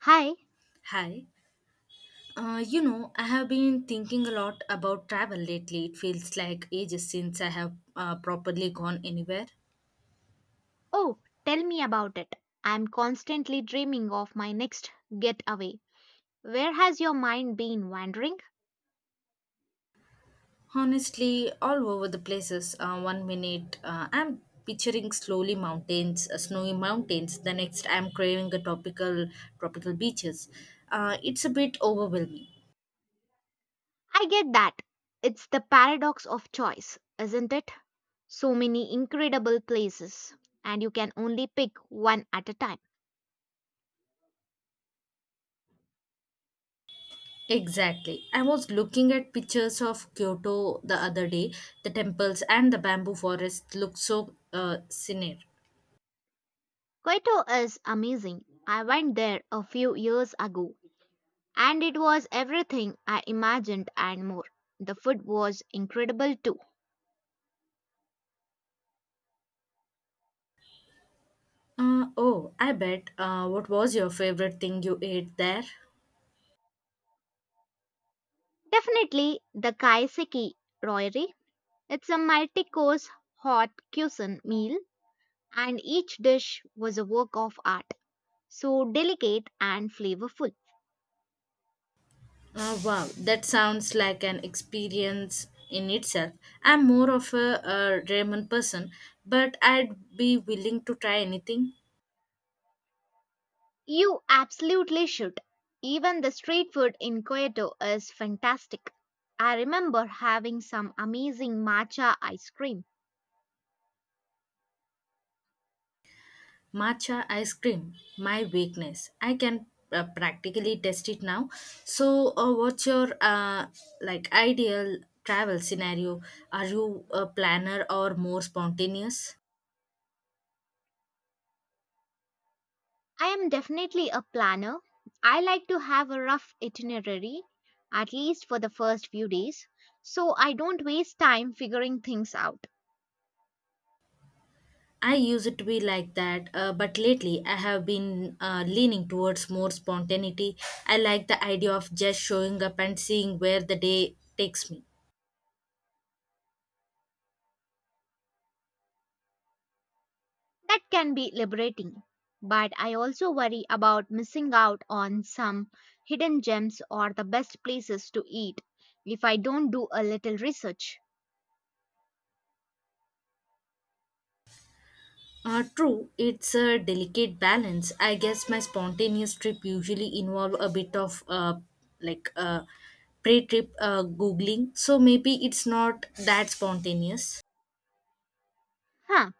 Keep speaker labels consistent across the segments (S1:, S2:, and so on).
S1: Hi.
S2: Hi. I have been thinking a lot about travel lately. It feels like ages since I have properly gone anywhere.
S1: Oh, tell me about it. I'm constantly dreaming of my next getaway. Where has your mind been wandering?
S2: Honestly, all over the places. One minute, I'm picturing slowly mountains, snowy mountains. The next, I'm craving a tropical beaches. It's a bit overwhelming.
S1: I get that. It's the paradox of choice, isn't it? So many incredible places, and you can only pick one at a time.
S2: Exactly. I was looking at pictures of Kyoto the other day. The temples and the bamboo forest look so scenic.
S1: Kyoto is amazing. I went there a few years ago, and it was everything I imagined and more. The food was incredible too.
S2: Oh, I bet. What was your favorite thing you ate there?
S1: Definitely the kaiseki royale. It's a multi course hot cuisine meal, and each dish was a work of art, so delicate and flavorful.
S2: Wow, that sounds like an experience in itself. I'm more of a, ramen person, but I'd be willing to try anything.
S1: You absolutely should. Even the street food in Kyoto is fantastic. I remember having some amazing matcha ice cream.
S2: Matcha ice cream, my weakness. I can practically test it now. So, what's your ideal travel scenario? Are you a planner or more spontaneous?
S1: I am definitely a planner. I like to have a rough itinerary, at least for the first few days, so I don't waste time figuring things out.
S2: I used to be like that, but lately I have been leaning towards more spontaneity. I like the idea of just showing up and seeing where the day takes me.
S1: That can be liberating, but I also worry about missing out on some hidden gems or the best places to eat if I don't do a little research.
S2: True, it's a delicate balance. I guess my spontaneous trip usually involve a bit of like uh, pre-trip googling, so maybe it's not that spontaneous.
S1: Huh,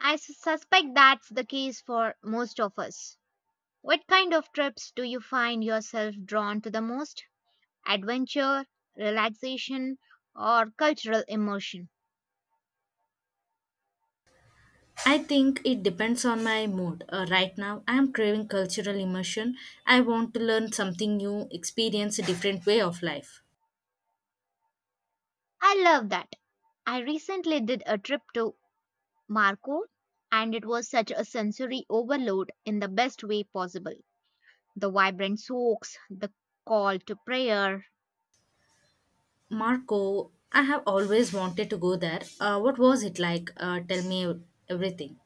S1: suspect that's the case for most of us. What kind of trips do you find yourself drawn to the most? Adventure, relaxation, or cultural immersion?
S2: I think it depends on my mood. Right now, I am craving cultural immersion. I want to learn something new, experience a different way of life.
S1: I love that. I recently did a trip to Marco, and it was such a sensory overload in the best way possible. The vibrant soaks, the call to prayer.
S2: Marco, I have always wanted to go there. What was it like? Tell me everything.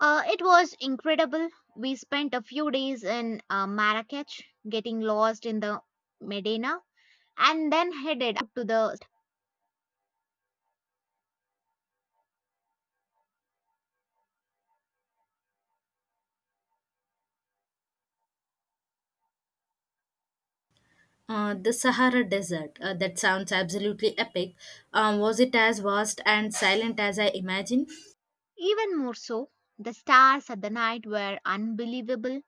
S1: It was incredible. We spent a few days in Marrakech, getting lost in the Medina, and then headed up to the
S2: The Sahara Desert. That sounds absolutely epic. Was it as vast and silent as I imagined?
S1: Even more so, the stars at the night were unbelievable.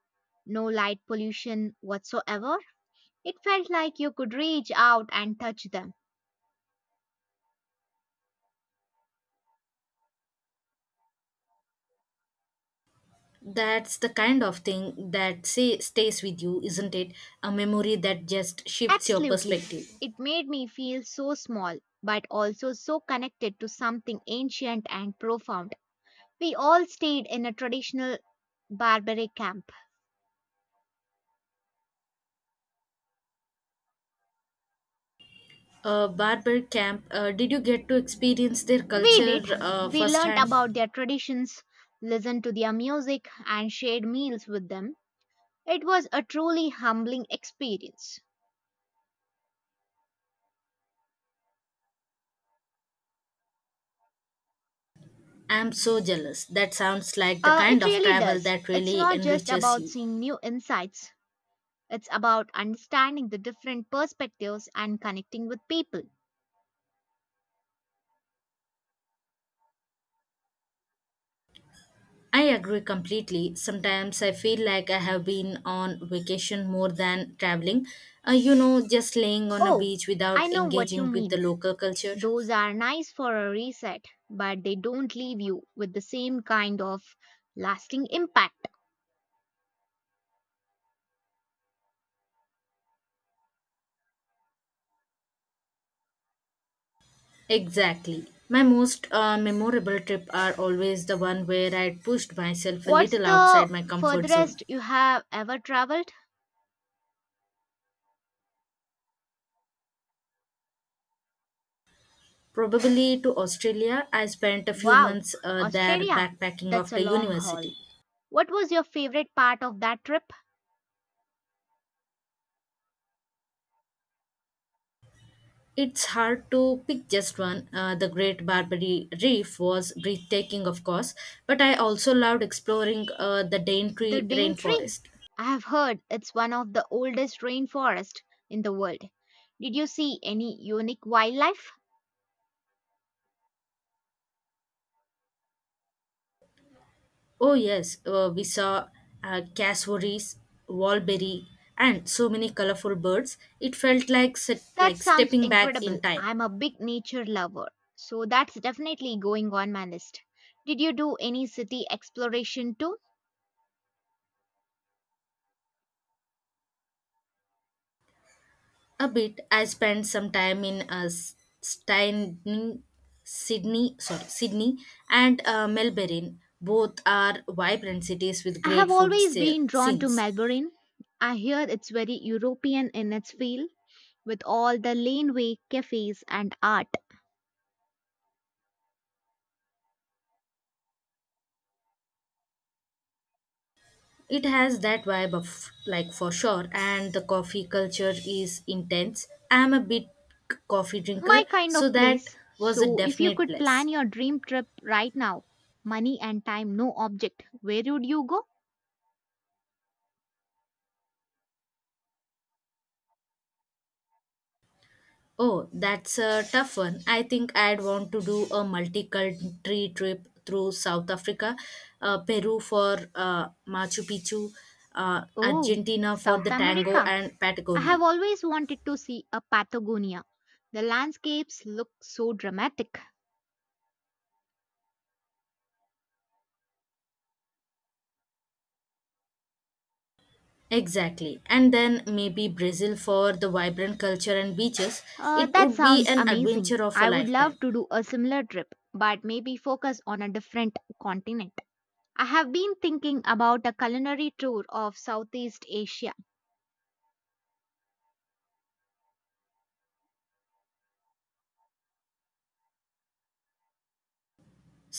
S1: No light pollution whatsoever. It felt like you could reach out and touch them.
S2: That's the kind of thing that say, stays with you, isn't it? A memory that just shifts your
S1: Absolutely.
S2: perspective.
S1: It made me feel so small, but also so connected to something ancient and profound. We all stayed in a traditional barbaric camp.
S2: Barber camp, did you get to experience their
S1: We
S2: culture
S1: did. We learnt
S2: firsthand?
S1: about their traditions, listened to their music, and shared meals with them. It was a truly humbling experience.
S2: I'm so jealous. That sounds like the
S1: Uh,
S2: kind
S1: it
S2: of
S1: really
S2: travel
S1: does.
S2: that
S1: It's
S2: really
S1: not just
S2: enriches
S1: about
S2: you.
S1: seeing new insights, it's about understanding the different perspectives and connecting with people.
S2: I agree completely. Sometimes I feel like I have been on vacation more than traveling. Just laying on a
S1: Oh,
S2: beach
S1: I
S2: without
S1: know what you
S2: engaging with the
S1: mean.
S2: local culture.
S1: Those are nice for a reset, but they don't leave you with the same kind of lasting impact.
S2: Exactly. My most memorable trip are always the one where I pushed myself a
S1: What's
S2: little outside
S1: the
S2: my comfort zone.
S1: furthest you have ever traveled?
S2: Probably to Australia. I spent a few
S1: Wow,
S2: months there
S1: Australia.
S2: backpacking
S1: That's a
S2: after
S1: long
S2: university.
S1: haul. What was your favorite part of that trip?
S2: It's hard to pick just one. The Great Barbary Reef was breathtaking, of course, but I also loved exploring the
S1: The
S2: Daintree
S1: Dane Tree.
S2: rainforest.
S1: I have heard it's one of the oldest rainforests in the world. Did you see any unique wildlife?
S2: Oh, yes, we saw cassowaries, wallberry, and so many colorful birds. It felt like,
S1: That
S2: like
S1: sounds
S2: stepping back in
S1: incredible.
S2: time.
S1: I'm a big nature lover, so that's definitely going on my list. Did you do any city exploration too?
S2: A bit. I spent some time in Stein, Sydney and Melbourne. Both are vibrant cities with
S1: I have
S2: great food
S1: always been drawn to
S2: scenes.
S1: Melbourne. I hear it's very European in its feel, with all the laneway cafes and art.
S2: It has that vibe of like for sure, and the coffee culture is intense. I am a bit coffee drinker,
S1: My kind
S2: so
S1: of
S2: that
S1: place.
S2: was a
S1: So, if you
S2: definite
S1: could plan
S2: plus.
S1: your dream trip right now, money and time no object, where would you go?
S2: Oh, that's a tough one. I think I'd want to do a multi-country trip through South Africa, Peru for Machu Picchu,
S1: Oh,
S2: Argentina for
S1: South
S2: the tango,
S1: America.
S2: and
S1: I
S2: Patagonia.
S1: have always wanted to see a Patagonia. The landscapes look so dramatic.
S2: Exactly. And then maybe Brazil for the vibrant culture and beaches.
S1: Uh,
S2: It
S1: that
S2: would be
S1: sounds
S2: an
S1: amazing.
S2: adventure of a
S1: I would love
S2: lifetime.
S1: to do a similar trip, but maybe focus on a different continent. I have been thinking about a culinary tour of Southeast Asia.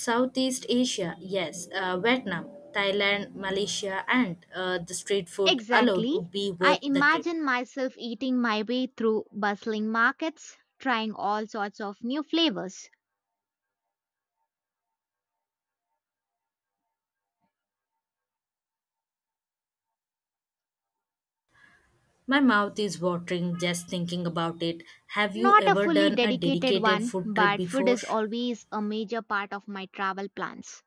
S2: Southeast Asia, yes, Vietnam, Thailand, Malaysia, and the street food alone
S1: Exactly.
S2: would be
S1: I
S2: worth the trip.
S1: imagine myself eating my way through bustling markets, trying all sorts of new flavors.
S2: My mouth is watering just thinking about it. Have you
S1: Not a
S2: ever
S1: fully
S2: done a
S1: dedicated
S2: dedicated
S1: one,
S2: food trip
S1: but food
S2: before?
S1: is always a major part of my travel plans.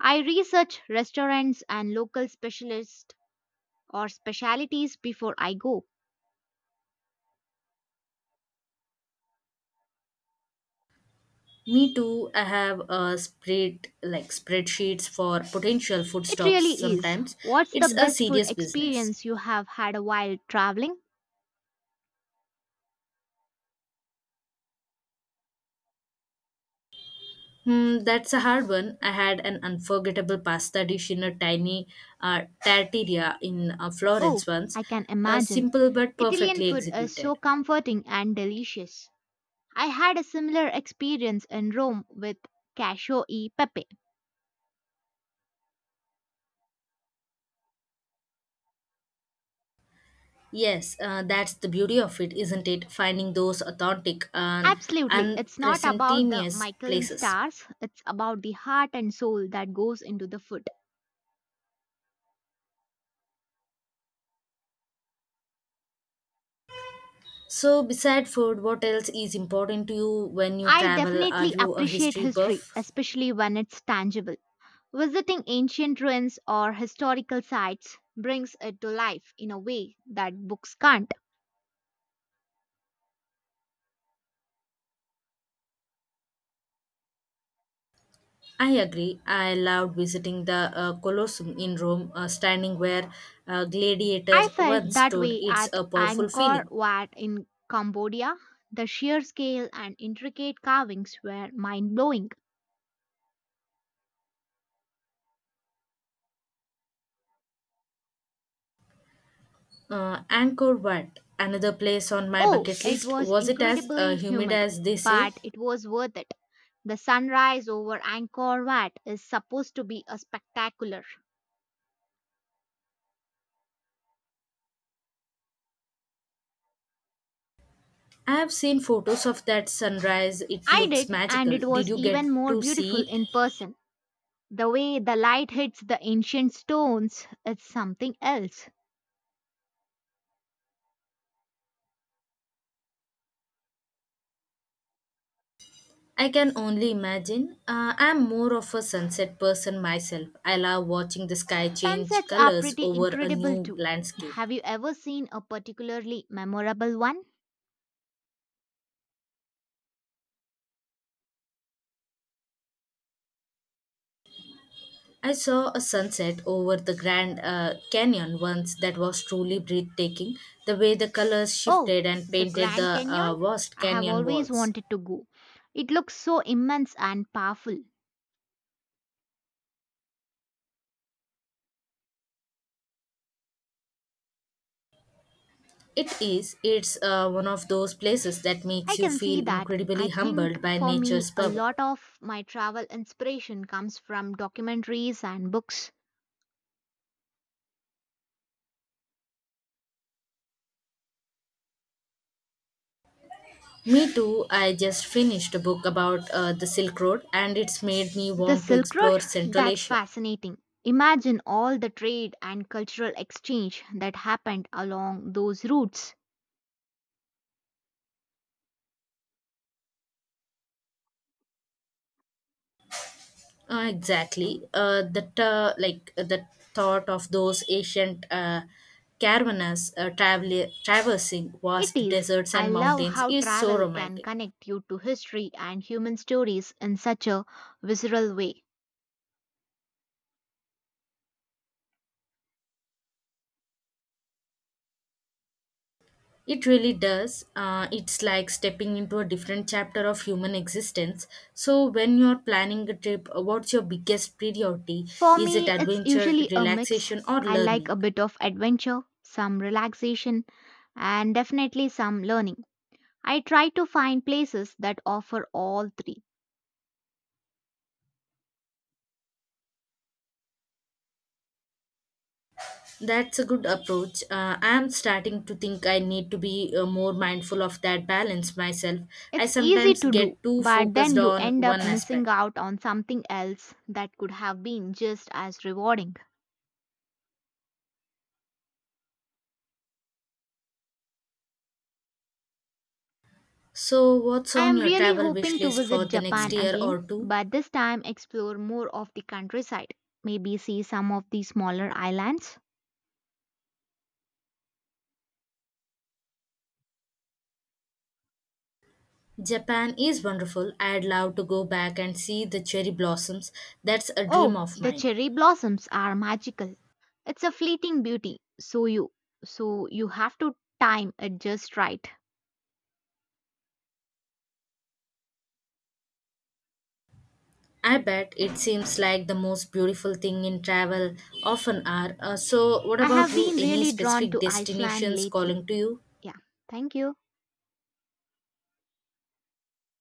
S1: I research restaurants and local specialists or specialities before I go.
S2: Me too. I have a spread like spreadsheets for potential food
S1: It
S2: stops
S1: really is.
S2: sometimes.
S1: What's the
S2: It's a
S1: best food
S2: serious business.
S1: experience you have had while traveling?
S2: Hmm, that's a hard one. I had an unforgettable pasta dish in a tiny tartaria in Florence
S1: Oh,
S2: once.
S1: I can imagine.
S2: Simple but
S1: Italian
S2: perfectly
S1: food is
S2: executed.
S1: so comforting and delicious. I had a similar experience in Rome with cacio e pepe.
S2: Yes, that's the beauty of it, isn't it? Finding those authentic and
S1: Absolutely, it's not about the
S2: unpresentaneous
S1: Michelin
S2: places.
S1: stars, it's about the heart and soul that goes into the food.
S2: So, beside food, what else is important to you when you
S1: I
S2: travel? Are
S1: definitely
S2: you a
S1: appreciate
S2: history
S1: history,
S2: buff?
S1: especially when it's tangible. Visiting ancient ruins or historical sites brings it to life in a way that books can't.
S2: I agree. I loved visiting the Colosseum in Rome, standing where gladiators
S1: I felt
S2: once
S1: that
S2: stood.
S1: way
S2: It's
S1: at
S2: a powerful
S1: Angkor
S2: feeling.
S1: Wat in Cambodia. The sheer scale and intricate carvings were mind blowing.
S2: Angkor Wat, another place on my
S1: Oh,
S2: bucket
S1: it
S2: list.
S1: was
S2: Was it as
S1: incredibly
S2: humid
S1: humid,
S2: as they say?
S1: but it was worth it. The sunrise over Angkor Wat is supposed to be a spectacular.
S2: I have seen photos of that sunrise. It
S1: I
S2: looks
S1: did, and
S2: magical.
S1: it
S2: Did
S1: was
S2: you get
S1: even more
S2: to
S1: beautiful
S2: see it?
S1: in person. The way the light hits the ancient stones, it's something else.
S2: I can only imagine. I'm more of a sunset person myself. I love watching the sky change
S1: Sunsets are
S2: colors
S1: pretty
S2: over a
S1: incredible
S2: new
S1: too.
S2: landscape.
S1: Have you ever seen a particularly memorable one?
S2: I saw a sunset over the Grand Canyon once that was truly breathtaking, the way the colors
S1: Oh,
S2: shifted and
S1: the
S2: painted
S1: Grand
S2: the
S1: Canyon?
S2: vast
S1: I have
S2: canyon
S1: always
S2: walls.
S1: wanted to go. It looks so immense and powerful.
S2: It is, it's one of those places that makes
S1: I
S2: you
S1: can see
S2: feel
S1: that.
S2: incredibly
S1: I think
S2: humbled by
S1: for me,
S2: nature's
S1: a
S2: power.
S1: lot of my travel inspiration comes from documentaries and books.
S2: Me too. I just finished a book about the Silk Road and it's made me
S1: The
S2: want to
S1: Silk Road?
S2: explore Central
S1: That's
S2: Asia.
S1: fascinating. Imagine all the trade and cultural exchange that happened along those routes.
S2: Exactly. The thought of those ancient caravans traversing
S1: It
S2: vast
S1: is.
S2: deserts
S1: I
S2: and
S1: love
S2: mountains
S1: how
S2: is so
S1: travel can
S2: romantic.
S1: connect you to history and human stories in such a visceral way.
S2: It really does. It's like stepping into a different chapter of human existence. So, when you're planning a trip, what's your biggest priority?
S1: For
S2: Is it
S1: me, it's
S2: adventure,
S1: usually a mix.
S2: relaxation, or
S1: I like a
S2: learning?
S1: bit of adventure, some relaxation, and definitely some learning. I try to find places that offer all three.
S2: That's a good approach. I'm starting to think I need to be more mindful of that balance myself. I
S1: It's easy
S2: sometimes
S1: to do,
S2: get too
S1: but then
S2: focused
S1: you
S2: on
S1: end
S2: one
S1: up missing
S2: aspect.
S1: out on something else that could have been just as rewarding.
S2: So, what's
S1: I
S2: on
S1: am
S2: your
S1: really
S2: travel wish
S1: hoping to
S2: list for
S1: visit
S2: the next
S1: Japan
S2: year
S1: again,
S2: or two?
S1: but this time explore more of the countryside. Maybe see some of the smaller islands.
S2: Japan is wonderful. I'd love to go back and see the cherry blossoms. That's a dream
S1: Oh,
S2: of
S1: the
S2: mine.
S1: cherry blossoms are magical. It's a fleeting beauty, so you have to time it just right.
S2: I bet it seems like the most beautiful thing in travel often are. So, what
S1: I
S2: about
S1: have
S2: you?
S1: been
S2: Any
S1: really drawn
S2: specific
S1: to Iceland
S2: destinations calling
S1: lately.
S2: to you?
S1: Yeah, thank you.